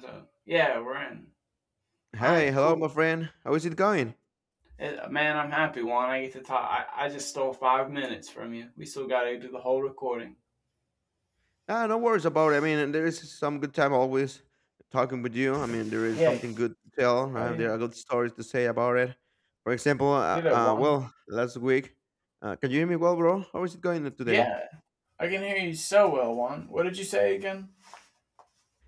So, yeah, we're in. All Hey, right, hello, cool. my friend. How is it going? Man, I'm happy, Juan. I get to talk. I just stole 5 minutes from you. We still got to do the whole recording. Ah, no worries about it. I mean, there is some good time always talking with you. I mean, there is Yeah. something good to tell, Oh, right? yeah. There are good stories to say about it. For example, Did it, Juan? well, last week, can you hear me well, bro? How is it going today? Yeah. I can hear you so well, Juan. What did you say again?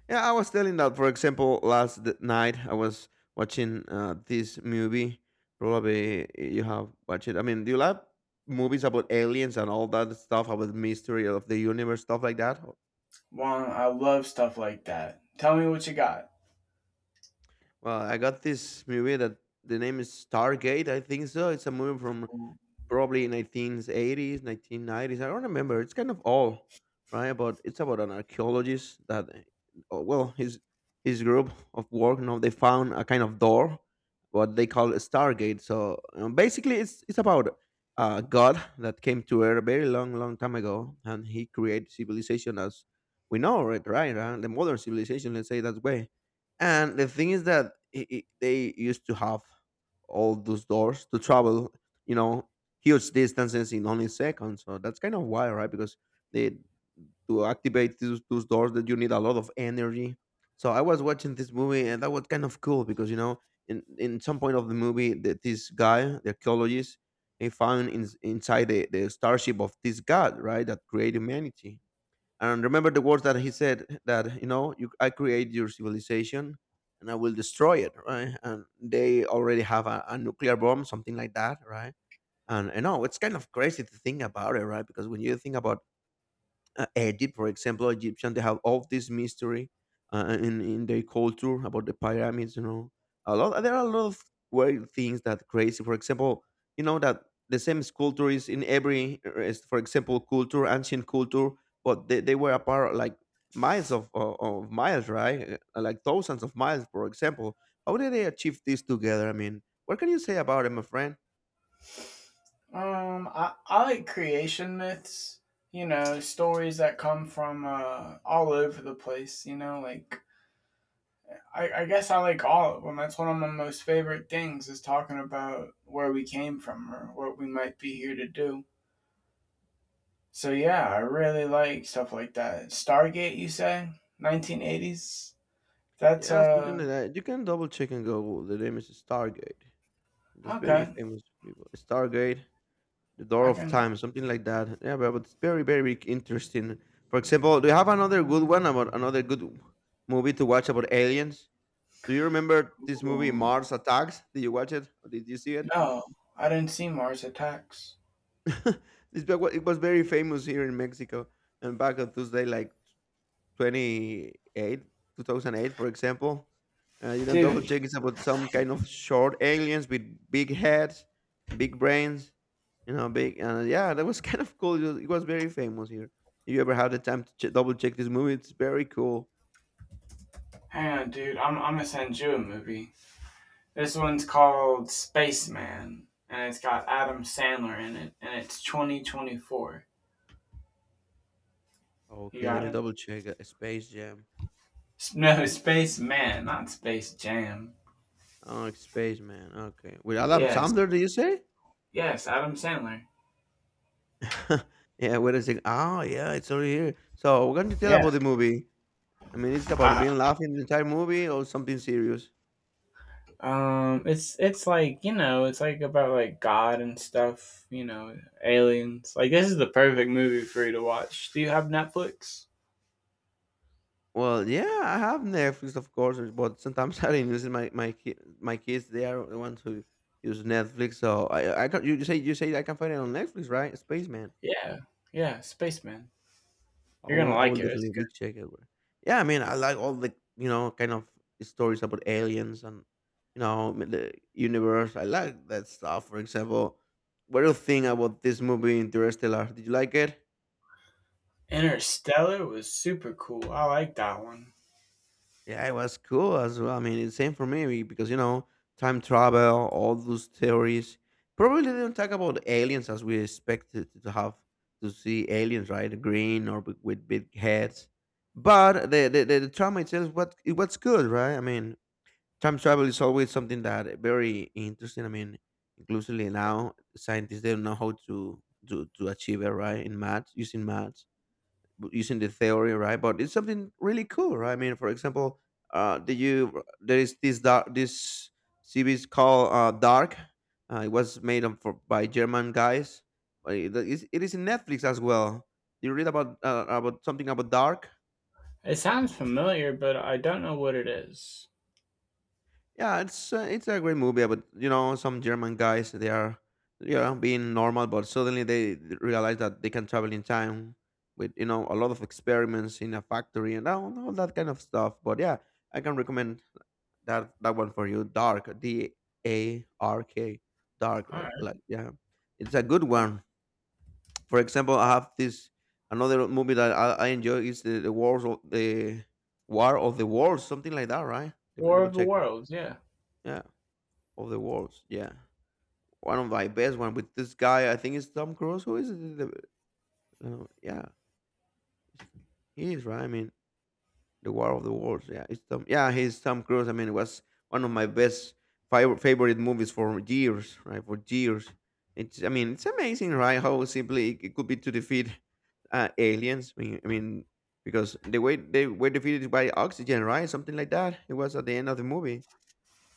Yeah, I was telling that, for example, last night I was watching this movie. Probably you have watched it. I mean, do you like movies about aliens and all that stuff, about mystery of the universe, stuff like that? Juan, I love stuff like that. Tell me what you got. Well, I got this movie that the name is Stargate. I think so. It's a movie from Um, probably 1980s, 1990s, I don't remember. It's kind of old, right? But it's about an archaeologist that, well, his group of work, they found a kind of door, what they call a stargate. So basically, it's about a god that came to earth a very long long time ago, and he created civilization as we know it, right? The modern civilization, let's say, that way. And the thing is that I they used to have all those doors to travel you know huge distances in only seconds. So that's kind of wild, right? Because they, to activate those doors, that you need a lot of energy. So I was watching this movie and that was kind of cool because in some point of the movie that this guy, the archaeologist, he found inside the starship of this god, right, that created humanity. And remember the words that he said that I create your civilization and I will destroy it, right? And they already have a nuclear bomb, something like that, right? And I know it's kind of crazy to think about it, right? Because when you think about, Egypt, for example, Egyptian, they have all this mystery, in their culture about the pyramids. You know, a lot there are a lot of weird things that crazy. For example, you know that the same sculpture is in every, is, for example, culture, ancient culture, but they were apart, like miles of miles, right? Like thousands of miles, for example. How did they achieve this together? I mean, what can you say about it, my friend? I like creation myths. You know, stories that come from all over the place. I guess I like all of them. That's one of my most favorite things is talking about where we came from or what we might be here to do. So yeah, I really like stuff like that. Stargate, you say? 1980s? That's Yeah, something like that. You can double check and Google. The name is Stargate. That's very Okay. famous people. Stargate, the Door I of can. Time, something like that. Yeah, but it's very, very interesting. For example, do you have another good one about another good movie to watch about aliens? Do you remember this movie Ooh, Mars Attacks? Did you watch it? Or did you see it? no, I didn't see Mars Attacks, It was very famous here in Mexico and back on Tuesday, like 28, 2008, for example. You can double dude. check. It's about some kind of short aliens with big heads, big brains, big, yeah, that was kind of cool. It was very famous here. If you ever had the time to double check this movie, it's very cool. Hang on, dude. I'm gonna send you a movie. This one's called Spaceman, and it's got Adam Sandler in it, and it's 2024. You Okay, got let me it. double check. Space Jam. S- No, Space Man, not Space Jam. Oh, it's Spaceman. Okay, with Adam Yes, Sandler, do you say? yes, Adam Sandler. Yeah, wait a second. Oh yeah, it's over here. So we're going to tell Yeah. about the movie. I mean, it's about Uh, being laughing the entire movie or something serious? It's like it's like about like God and stuff. You know, aliens. Like this is the perfect movie for you to watch. Do you have Netflix? Well, yeah, I have Netflix, of course, but sometimes I didn't use it. My kids, they are the ones who use Netflix. So I can you say, I can find it on Netflix, right? Spaceman. Yeah, yeah, Spaceman. I You're gonna will I like will it. It's definitely good. will check it. Yeah, I mean I like all the, kind of stories about aliens and the universe. I like that stuff. For example, what do you think about this movie Interstellar? Did you like it? Interstellar was super cool. I like that one. Yeah, it was cool as well. I mean, it's same for me because, time travel, all those theories. Probably didn't talk about aliens as we expected to have to see aliens, right? Green or with big heads. But the trauma itself, what it was good, right? I mean, time travel is always something that very interesting. I mean, inclusively now scientists they don't know how to achieve it, right? In math, using math, using the theory, right? But it's something really cool, right? I mean, for example, did you there is this series called, Dark. It was made up by German guys. It is in Netflix as well. You read about, about something about Dark? It sounds familiar, but I don't know what it is. Yeah, it's a great movie, but some German guys they are being normal, but suddenly they realize that they can travel in time with a lot of experiments in a factory and all that kind of stuff. But yeah, I can recommend that one for you. Dark, D A R K, Dark. All Like, right. like, yeah, it's a good one. For example, I have this another movie that I enjoy is the War of the Worlds, something like that, right? Let me War double of the check it. Worlds. Yeah, Yeah, of the worlds. Yeah, one of my best one with this guy. I think it's Tom Cruise. Who is it? The, yeah, it's- he is right. I mean, the War of the Worlds. Yeah, it's Tom. Yeah, he's Tom Cruise. I mean, it was one of my best favorite movies for years. Right, for years. It's. I mean, it's amazing, right? How simply it could be to defeat, aliens. I mean, because they were defeated by oxygen, right? Something like that. It was at the end of the movie.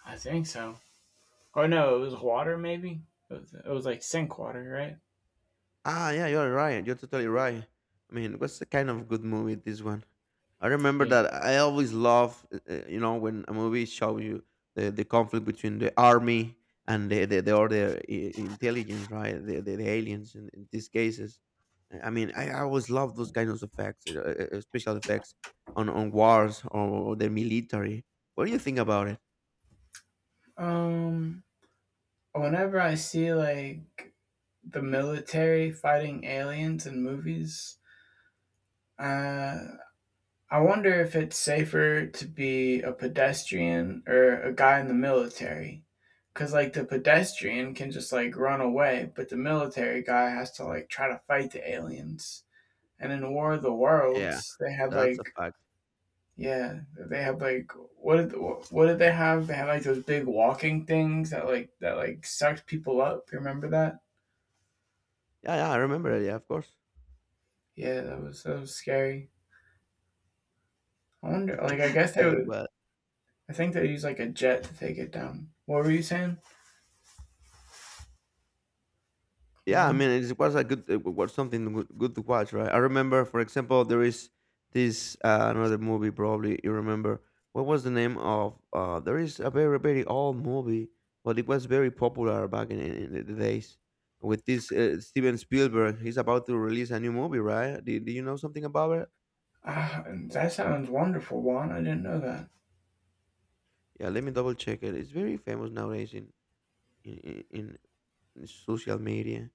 I think so. Oh no, it was water maybe. It was like sink water, right? Ah, yeah, you're right. You're totally right. I mean, what's the kind of good movie this one? I remember Yeah. that I always love, when a movie shows you the conflict between the army and the other intelligence, right? The aliens in these cases. I mean, I always love those kinds of effects, special effects on wars or the military. What do you think about it? Um. Whenever I see like the military fighting aliens in movies, uh, I wonder if it's safer to be a pedestrian or a guy in the military, because like the pedestrian can just like run away, but the military guy has to like try to fight the aliens. And in War of the Yeah, Worlds, they had that's a like fact. yeah, they have like what did they have? They had like those big walking things that like sucked people up. You remember that? Yeah, yeah, I remember it. Yeah, of course. Yeah, that was scary. I wonder. Like I guess they it would. was. I think they use like a jet to take it down. What were you saying, Yeah, I mean, Juan? It was something good to watch, right? I remember, for example, there is this, another movie. Probably you remember what was the name of? There is a very very old movie, but it was very popular back in the days with this, Steven Spielberg. He's about to release a new movie, right? Do you know something about it? Ah, that sounds wonderful, Juan. I didn't know that. Yeah, let me double check it. It's very famous nowadays in in, in social media.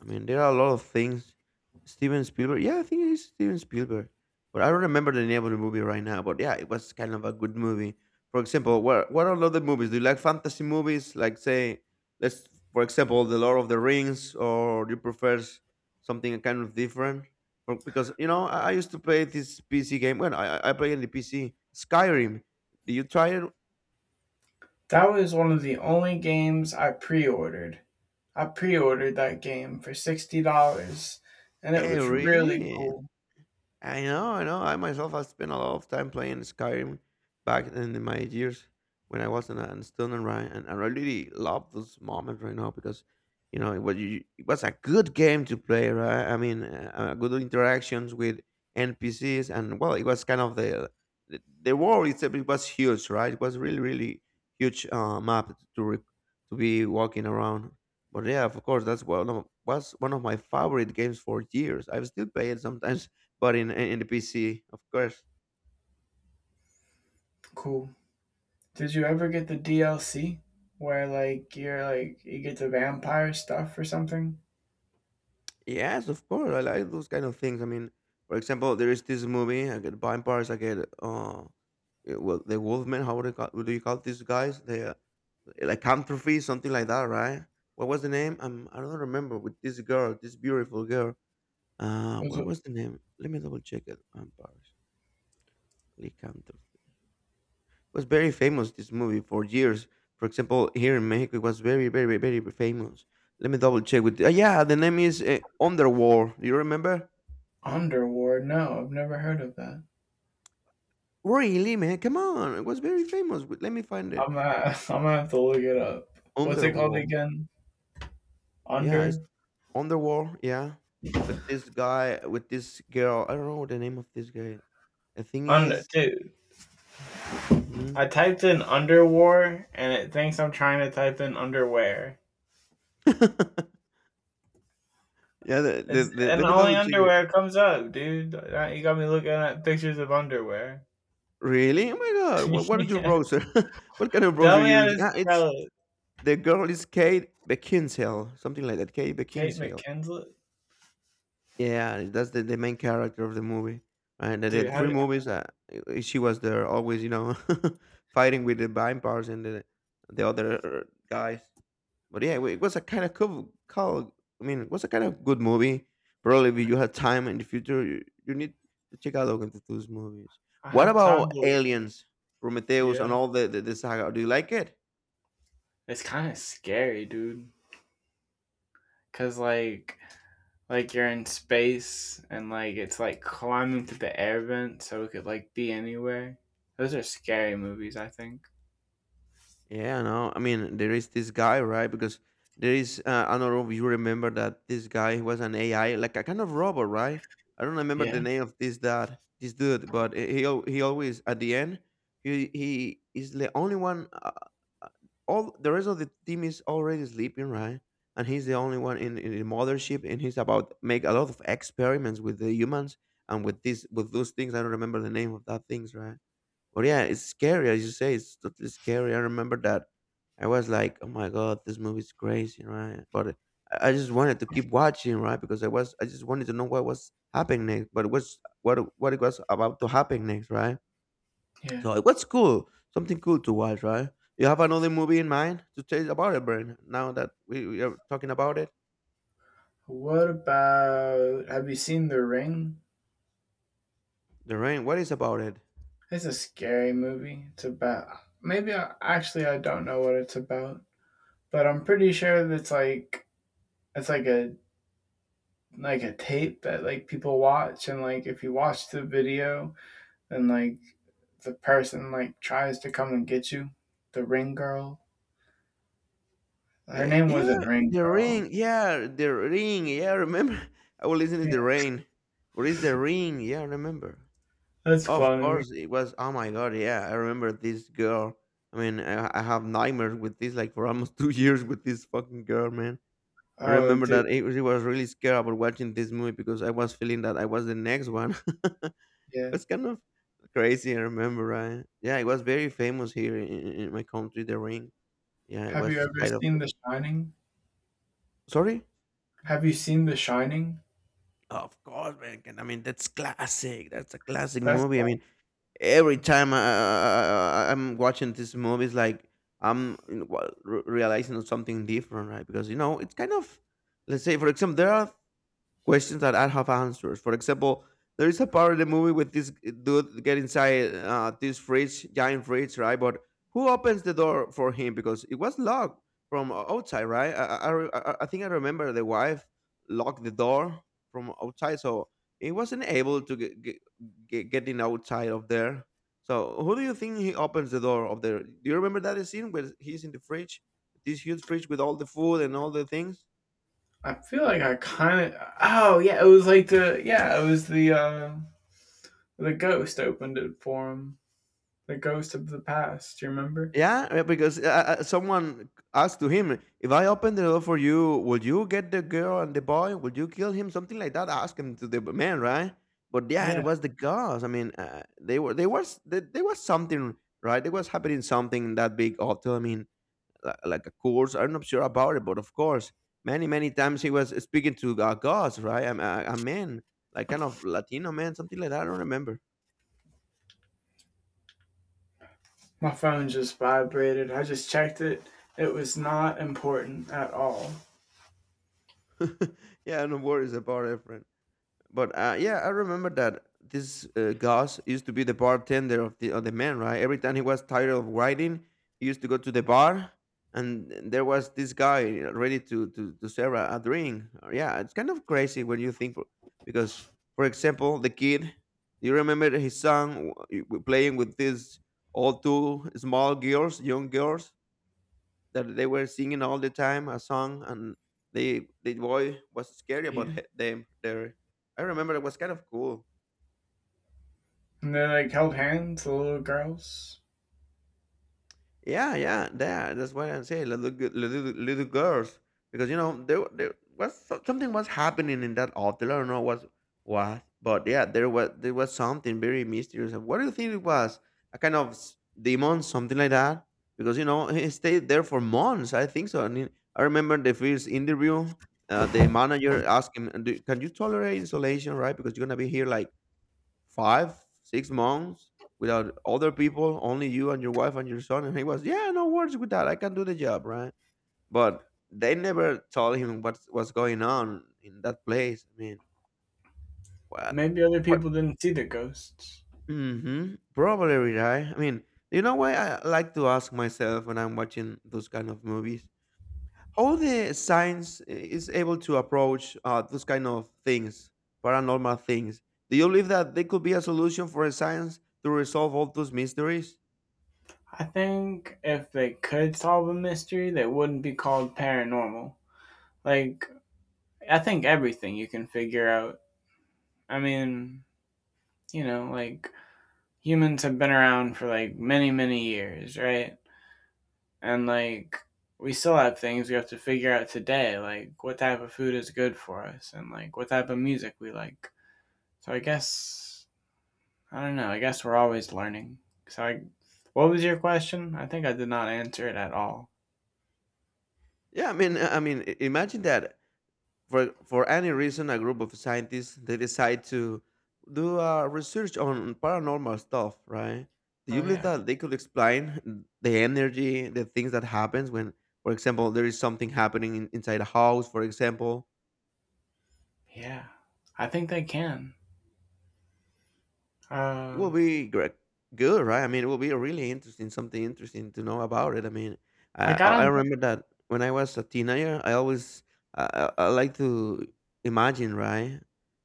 I mean, there are a lot of things. Steven Spielberg. Yeah, I think it is Steven Spielberg. But I don't remember the name of the movie right now. But yeah, it was kind of a good movie. For example, what are other movies? Do you like fantasy movies? Like say, let's for example, The Lord of the Rings, or do you prefer something kind of different? Because I used to play this PC game. When I play on the PC, Skyrim. Do you try it? That was one of the only games I pre-ordered. I pre-ordered that game for $60, and it Eh, was really really? cool. I know, I know. I myself have spent a lot of time playing Skyrim back in my years when I was in a student, and right? And I really love this moment right now because, it was a good game to play, right? I mean, good interactions with NPCs, and well, it was kind of the world itself. It was huge, right? It was really, really huge, map to be walking around. But yeah, of course, that's one of was one of my favorite games for years. I still play it sometimes but in the PC, of course. Cool. Did you ever get the DLC where like you get the vampire stuff or something? Yes, of course. I like those kind of things. I mean, for example, there is this movie. I get vampires. I get well, the Wolfman. How would I call, what do you call these guys? The, lycanthropy, something like that, right? What was the name? I don't remember. With this girl, this beautiful girl. Uh, Was what it was the name? Let me double check it. Vampires, lycanthropy. Was very famous this movie for years. For example, here in Mexico, it was very, very, very famous. Let me double check with. Yeah, the name is Underworld. Do you remember? Underworld? No, I've never heard of that. Really, man? Come on, it was very famous. Wait, let me find it. I'm gonna, I'm gonna have to look it up. What's it called Underworld. again? Yeah, it's Under Underworld. Yeah, with this guy, with this girl. I don't know the name of this guy. The thing under is, dude. mhm. I typed in underwar and it thinks I'm trying to type in underwear. Yeah. The, the, It's the, and let me only double check it. underwear comes up, dude. Now you got me looking at pictures of underwear. Really? Oh my god! What is your browser? What kind of browser Tell me you how use? to Ah, it's spell it. the girl is Kate Beckinsale, something like that. Kate Kate Beckinsale. McKinslet, Yeah, that's the main character of the movie. And the dude. How three do movies, she was there always, you know, fighting with the vampires and the other guys. But yeah, it was a kind of cool, cool. I mean, it was a kind of good movie. Probably if I you had time in the future, you need to check out into those movies. I What have time about to Aliens, Prometheus, and yeah. all the, the saga? Do you like it? It's kind of scary, dude. Cause like you're in space and like it's like climbing through the air vent, so it could like be anywhere. Those are scary movies, I think. Yeah, no, I mean there is this guy, right? Because there is I don't know if you remember that this guy was an AI, like a kind of robot, right? I don't remember Yeah. the name of this that this dude, but he always at the end he is the only one. Uh, all the rest of the team is already sleeping, right? And he's the only one in the mothership, and he's about make a lot of experiments with the humans and with this with those things. I don't remember the name of that things, right? But yeah, it's scary, as you say. It's totally scary. I remember that I was like, "Oh my god, this movie's crazy, right?" But I just wanted to keep watching, right? Because I just wanted to know what was happening next, but what it was about to happen next, right? Yeah. So it was cool, something cool to watch, right? You have another movie in mind to tell us about it, Brian? Now that we are talking about it, What about, have you seen The Ring? the rain. What is about it? It's a scary movie. It's about maybe actually I don't know what it's about, but I'm pretty sure that's like it's like a tape that like people watch and like if you watch the video and like the person like tries to come and get you, the ring girl. Her name Yeah, wasn't Ring The Girl. Ring. Yeah, The Ring. Yeah, remember? I was listening to Yeah, The Rain. What is The Ring? Yeah, I remember. that's Of funny. course, it was. Oh my God. Yeah, I remember this girl. I mean, I have nightmares with this, like for almost two years with this fucking girl, man. I Oh, remember dude, that it was really scared about watching this movie because I was feeling that I was the next one. yeah. It's kind of crazy. I remember, right? Yeah, it was very famous here in my country. The Ring. Yeah, it Have you was ever kind of. seen The Shining? Sorry. Have you seen The Shining? Of course, man, and I mean, that's classic. That's a classic That's. movie. I mean, every time I'm watching these movies, like I'm you know, realizing something different, right? Because you know, it's kind of, let's say, for example, there are questions that I have answers. For example, there is a part of the movie with this dude get inside this fridge, giant fridge, right? But who opens the door for him because it was locked from outside, right? I think I remember the wife locked the door from outside, so he wasn't able to getting outside of there. So who do you think he opens the door of there? Do you remember that scene where he's in the fridge, this huge fridge with all the food and all the things? I feel like I kind of. Oh yeah, it was like the yeah, it was the ghost opened it for him. The ghost of the past. You remember? Yeah, because someone asked to him, "If I open the door for you, would you get the girl and the boy? Would you kill him?" Something like that. Ask him to the man, right? But yeah, it Yeah. was the girls. I mean, they were they was they, there was something right. There was happening something in that big hotel. I mean, like a course. I'm not sure about it, but of course, many many times he was speaking to girls, right? A man, like kind of Latino man, something like that. I don't remember. My phone just vibrated. I just checked it. It was not important at all. Yeah, no worries about it, friend. But yeah, I remember that this Gus used to be the bartender of the man, right? Every time he was tired of writing, he used to go to the bar, and there was this guy ready to to serve a drink. Yeah, it's kind of crazy when you think, because for example, the kid, you remember his song playing with these all two small girls, young girls, that they were singing all the time a song and the boy was scary Yeah. about them there. I remember it was kind of cool. And they like held hands, the little girls. Yeah, yeah, that's what I'm saying. Little girls, because you know there was something was happening in that hotel. I don't know what was, but yeah, there was something very mysterious. And what do you think it was? A kind of demon, something like that? Because you know he stayed there for months. I think so. I remember the first interview. The manager asked him, "Do- Can you tolerate isolation, right? Because you're gonna be here like." Five, six months without other people, only you and your wife and your son. And he was, yeah, no worries with that. I can do the job, right? But they never told him what was going on in that place. I mean, what? Maybe other What people didn't see the ghosts. mm-hmm, probably, right? I mean, you know why I like to ask myself when I'm watching those kind of movies? How the science is able to approach those kind of things, paranormal things. Do you believe that there could be a solution for a science to resolve all those mysteries? I think if they could solve a mystery, they wouldn't be called paranormal. Like, I think everything you can figure out. I mean, you know, like, humans have been around for like many, many years, right? And like, we still have things we have to figure out today, like what type of food is good for us and like what type of music we like. So I guess, I don't know, I guess we're always learning. So I, What was your question? I think I did not answer it at all. Yeah, I mean, imagine that for any reason, a group of scientists they decide to do research on paranormal stuff, right? Do you Oh believe yeah. that they could explain the energy, the things that happens when, for example, there is something happening in, inside a house, for example, Yeah. I think they can. it Uh will be great, good, right? I mean, it will be really interesting, something interesting to know about it. I mean, I like I I I don't remember that when I was a teenager, I always I like to imagine, right,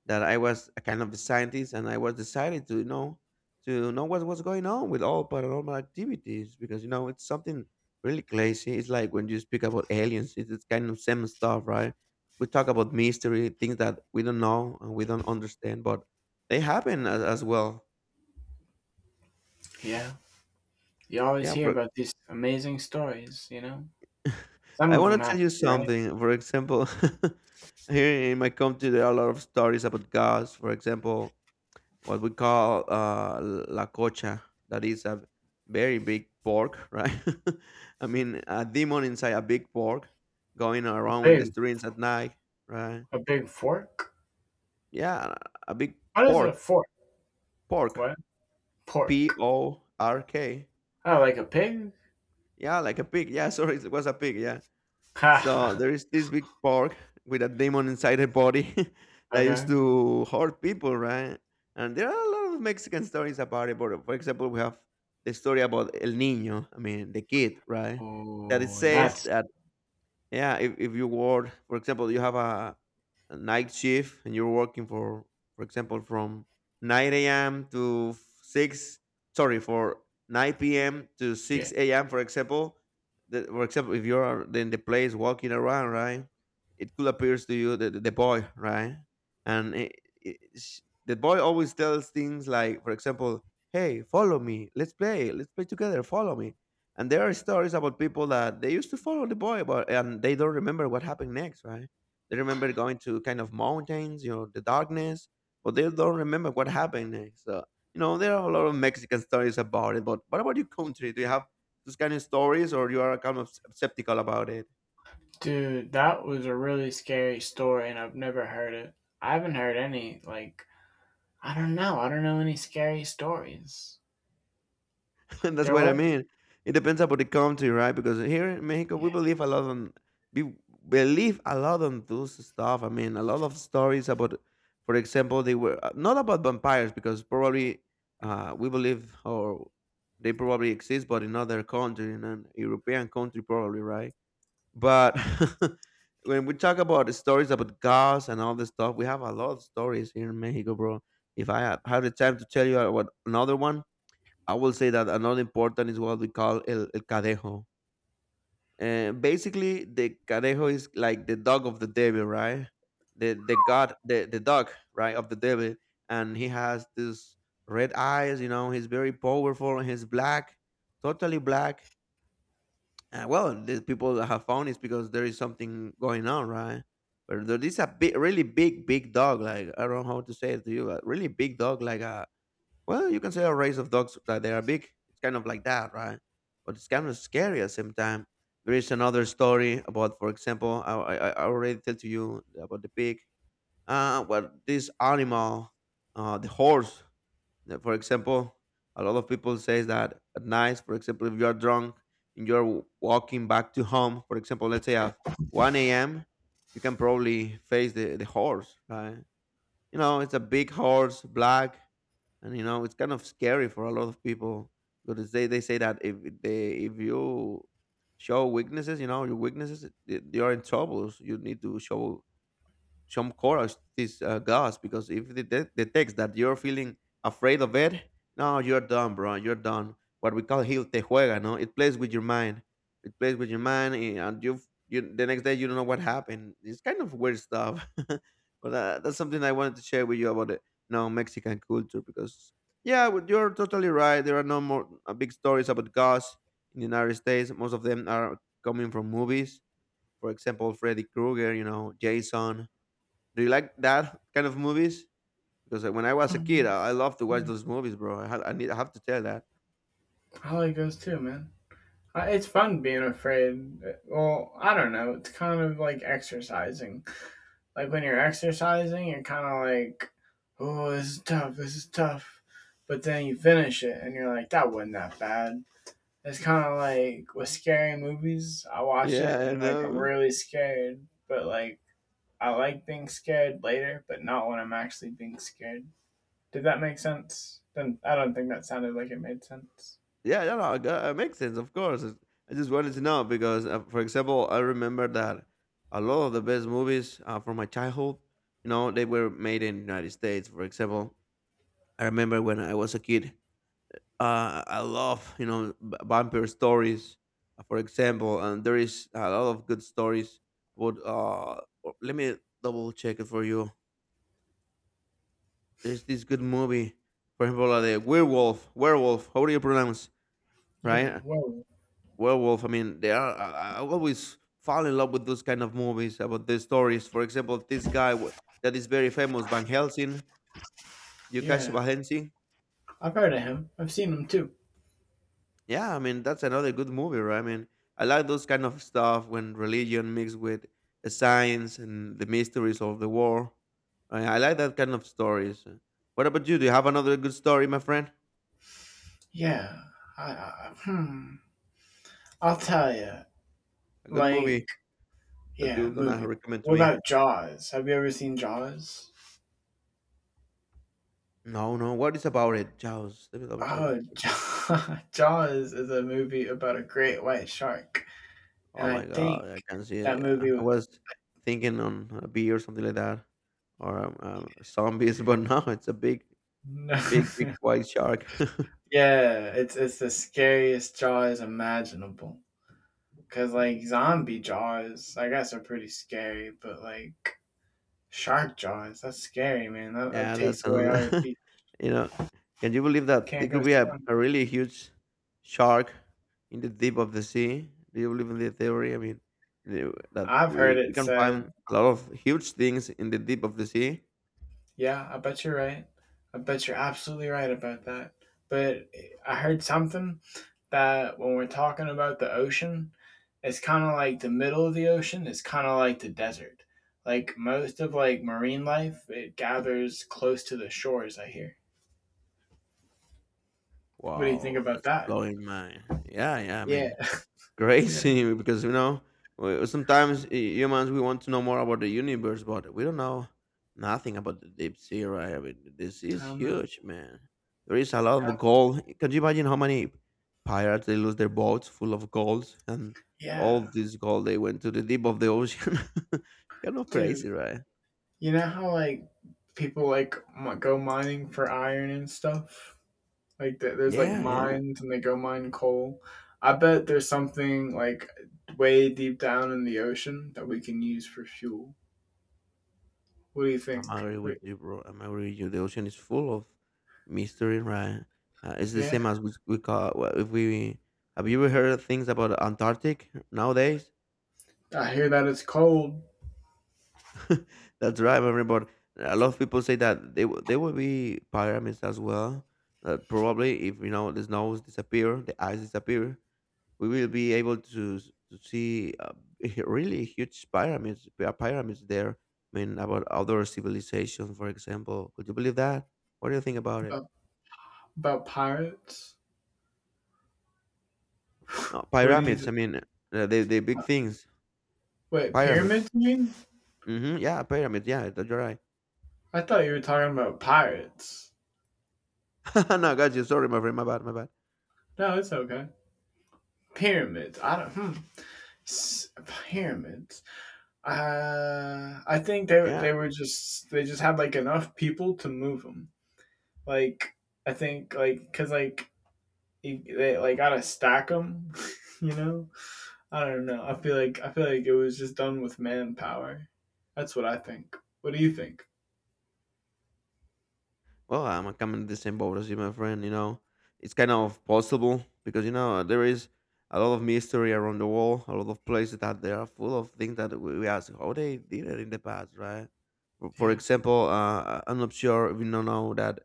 that I was a kind of a scientist, and I was decided to you know to know what was going on with all paranormal activities because you know it's something really crazy. It's like when you speak about aliens, it's kind of same stuff, right? We talk about mystery, things that we don't know and we don't understand, but they happen as well. yeah. You always Yeah, hear for about these amazing stories, you know? Some I of wanna them have tell to you be right. something. For example, here in my country, there are a lot of stories about gods. For example, what we call la cocha, that is a very big pork, right? I mean, a demon inside a big pork going A around in the big streets at night, right? a big fork? Yeah, a big What is a pork, fork? pork, What? P Pork. O R K. Oh, like a pig? Yeah, like a pig. Yeah, sorry, it was a pig. Yeah, so Ha. there is this big pork with a demon inside her body that used okay. to hurt people, right? And there are a lot of Mexican stories about it. But for example, we have the story about El Niño, I mean, the kid, right? That it Oh says nuts. that yeah, if you work, for example, you have a night shift and you're working for example, from 9 a.m. to 6, sorry, for 9 p.m. to Yeah. 6 a.m., for example, for example, if you're in the place walking around, right, it could appear to you the boy, right? And it, sh- the boy always tells things like, for example, hey, follow me, let's play together, follow me. And there are stories about people that they used to follow the boy, but and they don't remember what happened next, right? They remember going to kind of mountains, you know, the darkness, but they don't remember what happened next. So, you know, there are a lot of Mexican stories about it. But what about your country? Do you have those kind of stories, or you are kind of skeptical about it? Dude, that was a really scary story and I've never heard it. I haven't heard any like I don't know. I don't know any scary stories. That's There what I was? mean. It depends about the country, right? Because here in Mexico, Yeah. We believe a lot on those stuff. I mean, a lot of stories about, for example, they were not about vampires because probably we believe or they probably exist, but in other country, in an European country, probably, right? But when we talk about the stories about gods and all this stuff, we have a lot of stories here in Mexico, bro. If I had had the time to tell you about another one, I will say that another important is what we call el cadejo. And basically, the cadejo is like the dog of the devil, right? The dog, right, of the devil, and he has this red eyes. You know, he's very powerful and He's black, totally black. Well, the people that have found is because there is something going on, right? But there is a big, really big, big dog. Like I don't know how to say it to you, a really big dog, like a well, you can say a race of dogs that they are big. It's kind of like that, right? But it's kind of scary at the same time. There is another story about, for example, I already tell to you about the pig. Well, this animal, the horse, that, for example, a lot of people say that at night, for example, if you are drunk and walking back to home, for example, let's say at 1 a.m., you can probably face the horse, right? You know, it's a big horse, black, and you know, it's kind of scary for a lot of people because they say that if you show weaknesses, you know, your weaknesses, you're in troubles. You need to show some courage to these guys because if they detects that you're feeling afraid of it, no, you're done, bro. You're done. What we call heel te juega, no? It plays with your mind. It plays with your mind, and you the next day you don't know what happened. It's kind of weird stuff, but that's something I wanted to share with you about the no Mexican culture. Because yeah, well, you're totally right. There are no more big stories about gods in the United States. Most of them are coming from movies. For example, Freddy Krueger, you know, Jason, do you like that kind of movies? Because when I was a kid, Mhm. I loved to watch those movies, bro. I, had, I need, I have to tell that. Probably goes too, man. It's fun being afraid. Well, I don't know. It's kind of like exercising. Like when you're exercising, you're kind of like, oh, this is tough, this is tough. But then you finish it and you're like, that wasn't that bad. It's kind of like with scary movies, I watch Yeah, it I and like I'm know. really scared, but like I like being scared later, but not when I'm actually being scared. Did that make sense? Then I don't think that sounded like it made sense. Yeah, yeah, no, that makes sense, of course. I just wanted to know because, for example, I remember that a lot of the best movies from my childhood, you know, they were made in the United States. For example, I remember when I was a kid, I love, you know, vampire stories, for example, and there is a lot of good stories. But let me double check it for you. There's this good movie, for example, like the werewolf. How do you pronounce? Yeah, Right, well, werewolf. I mean, they are. I always fall in love with those kind of movies about the stories. For example, that is very famous, Van Helsing, Yukashi yeah. Van Helsing. I've heard of him. I've seen him too. Yeah, I mean that's another good movie, right? I mean, I like those kind of stuff when religion mixed with the science and the mysteries of the war. I like that kind of stories. What about you? Do you have another good story, my friend? Yeah. I hmm. I'll tell you. A good Like, movie that yeah, you're gonna movie. recommend to What me? about Jaws? Have you ever seen Jaws? No, no. What is about it? Jaws. Let me double check it. Oh, Jaw- Jaws is a movie about a great white shark, and Oh I my god, think I can see it. that Yeah, movie I was was thinking on a bee or something like that, or zombies, but no, it's a big, no. big, big white shark. Yeah, it's the scariest Jaws imaginable. Cause like zombie Jaws, I guess are pretty scary, but like shark jaws. That's scary, man. That Yeah, that's takes away all another. your beat. You know, can you believe that there Can't go could be swim. a really huge shark in the deep of the sea? Do you believe in the theory? I mean, the- that I've heard we, we it can said, find a lot of huge things in the deep of the sea. yeah, I bet you're right. I bet you're absolutely right about that. But I heard something that when we're talking about the ocean, it's kind of like the middle of the ocean is kind of like the desert. Like most of like marine life, it gathers close to the shores, I hear. What do you think Wow, about that's that? blowing my yeah, yeah. I Yeah. mean, Yeah. crazy because you know sometimes humans we want to know more about the universe, but we don't know nothing about the deep sea, right? I mean, this I is don't know. huge, man. There is a lot of gold. Can you imagine how many pirates they lose their boats full of gold and all Yeah. of this gold they went to the deep of the ocean? Kind of Dude, crazy, right? you know how like people like m- go mining for iron and stuff. Like th- there's like Yeah, yeah. mines and they go mine coal. I bet there's something like way deep down in the ocean that we can use for fuel. What do you think? I'm agree Wait, with you, bro. I'm agree with you. The ocean is full of mystery, right? It's the yeah, same as we call well, if we have you ever heard of things about Antarctic nowadays? I hear that it's cold That's right, everybody. A lot of people say that there will be pyramids as well. Probably, if you know the snows disappear, the ice disappear, we will be able to to see really huge pyramids there. I mean, about other civilizations, for example. Could you believe that? What do you think about it? about, about pirates. No, What do you pyramids, I th- mean, the big things. wait pyramids? Pyramids. You mean? Mhm, yeah, pyramids, yeah, that you're right. I thought you were talking about pirates. No, got you, sorry, my friend, my bad, my bad. No, it's okay. Pyramids. I don't. Hmm. S- pyramids. I think they Yeah. they were just they just had like enough people to move them. Like I think like because like you- they like gotta stack them. You know, I don't know. I feel like it was just done with manpower. That's what I think. What do you think? Well, I'm coming to the same boat as you, my friend. You know, it's kind of possible because you know there is a lot of mystery around the world, a lot of places that they are full of things that we ask how they did it in the past, right? For Yeah. example, I'm not sure if know that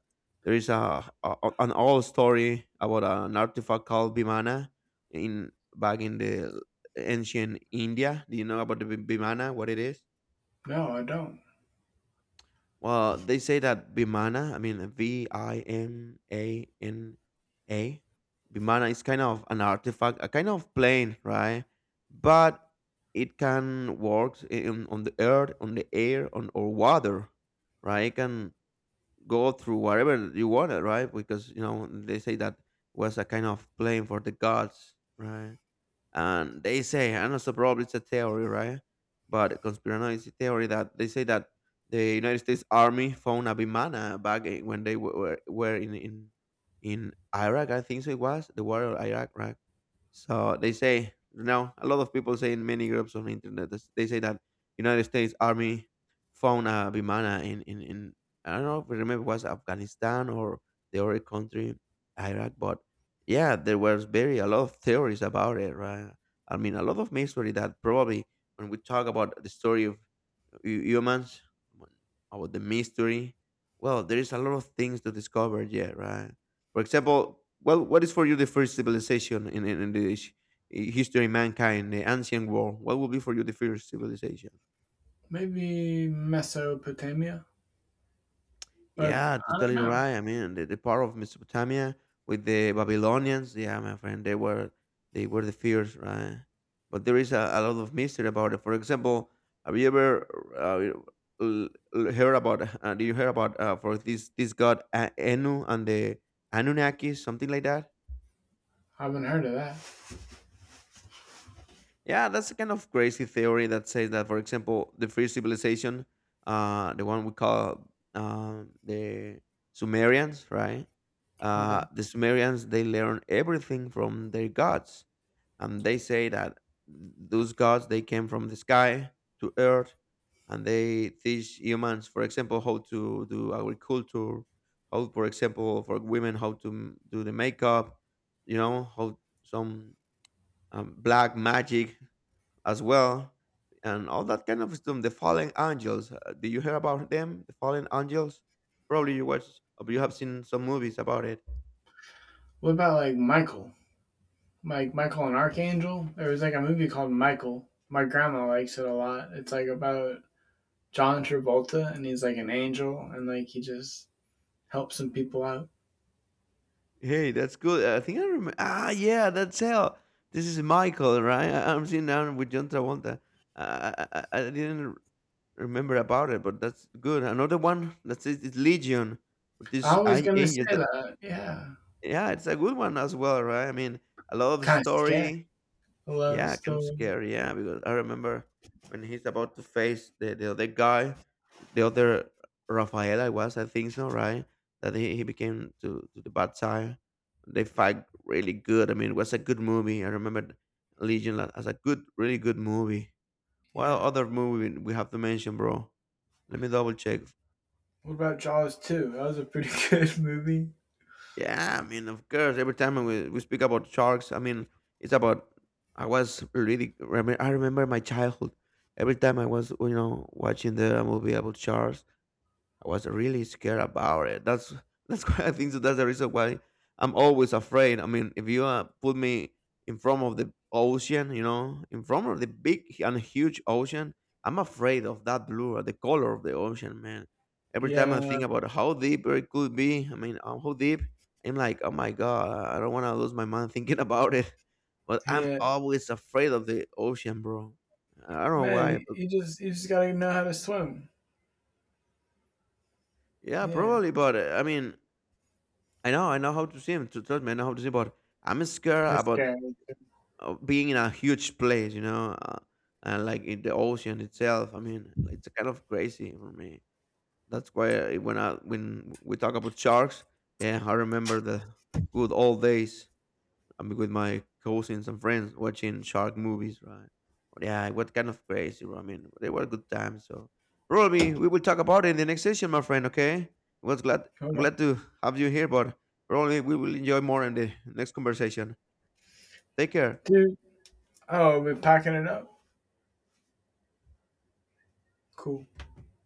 there is a, an old story about an artifact called Vimana in back in the ancient India. Do you know about the Vimana? What it is? No, I don't. Well, they say that Vimana, I mean, Vimana, Vimana is kind of an artifact, a kind of plane, right? But it can work on the earth, on the air, on or water, right? It can go through whatever you want it, right? Because, you know, they say that was a kind of plane for the gods, right? And they say, I'm so probably it's a theory, right? But a conspiracy theory that they say that the United States Army found a Bimana when they were in Iraq, I think so it was the war of Iraq, right? So they say now a lot of people say in many groups on the internet they say that United States Army found a Bimana in I don't know if I remember it was Afghanistan or the other country Iraq, but yeah, there was very a lot of theories about it, right? I mean, a lot of mystery that probably when we talk about the story of humans, about the mystery. Well, there is a lot of things to discover yet, right? For example, well, what is for you the first civilization in the history of mankind, the ancient world? What will be for you the first civilization? Maybe Mesopotamia. Or Yeah, I don't totally know. right. I mean, the part of Mesopotamia with the Babylonians, yeah, my friend, they were the fierce, right? But there is a lot of mystery about it. For example, have you ever uh, l- heard about? Did you hear about for this god Enu and the Anunnaki, something like that? I haven't heard of that. Yeah, that's a kind of crazy theory that says that, for example, the first civilization, the one we call the Sumerians, right? Okay. The Sumerians they learn everything from their gods, and they say that those gods they came from the sky to earth, and they teach humans, for example, how to do agriculture, how, for example, for women how to do the makeup, you know, how some black magic as well, and all that kind of stuff. The fallen angels. Did you hear about them? The fallen angels. Probably you watch. Or you have seen some movies about it. What about like Michael? Like Michael and Archangel. There was like a movie called Michael. My grandma likes it a lot. It's like about John Travolta and he's like an angel and like he just helps some people out. Hey, that's good. I think I remember. Ah, yeah, that's hell. This is Michael, right? I'm seeing now with John Travolta. I didn't remember about it, but that's good. Another one that says it's Legion, with this I was gonna say angel. That that. Yeah, yeah, it's a good one as well, right? I mean, a love kind of scary. story. A love Yeah, kind of story. scary. Yeah, because I remember when he's about to face the other guy, the other Rafael, I was, I think so, right? That he became to the bad side. They fight really good. I mean, it was a good movie. I remember as a good, really good movie. What Yeah. other movie we have to mention, bro? Let me double check. What about Jaws 2? That was a pretty good movie. Yeah, I mean, of course. Every time we speak about sharks, I mean, it's about. I remember my childhood. Every time I was, you know, watching the movie about sharks, I was really scared about it. That's why I think so that's the reason why I'm always afraid. I mean, if you put me in front of the ocean, you know, in front of the big and huge ocean, I'm afraid of that blue or the color of the ocean, man. Every time I Yeah. think about how deep it could be, I mean, how deep, I'm like, oh my god, I don't want to lose my mind thinking about it. But I'm Yeah. always afraid of the ocean, bro. I don't know why, Man, but just you just gotta know how to swim. yeah, Yeah. probably. But I mean, I know how to swim. Trust me, I know how to swim. But I'm scared That's about scary. Being in a huge place, you know, and like in the ocean itself. I mean, it's kind of crazy for me. That's why I when we talk about sharks, yeah, I remember the good old days. I'm with my cousins and friends watching shark movies, right? But yeah, what kind of crazy, bro. I mean, they were good times. So probably we will talk about it in the next session, my friend. Okay, was glad. I'm Okay. glad to have you here, but probably we will enjoy more in the next conversation. Take care. Dude. Oh, we're packing it up. Cool.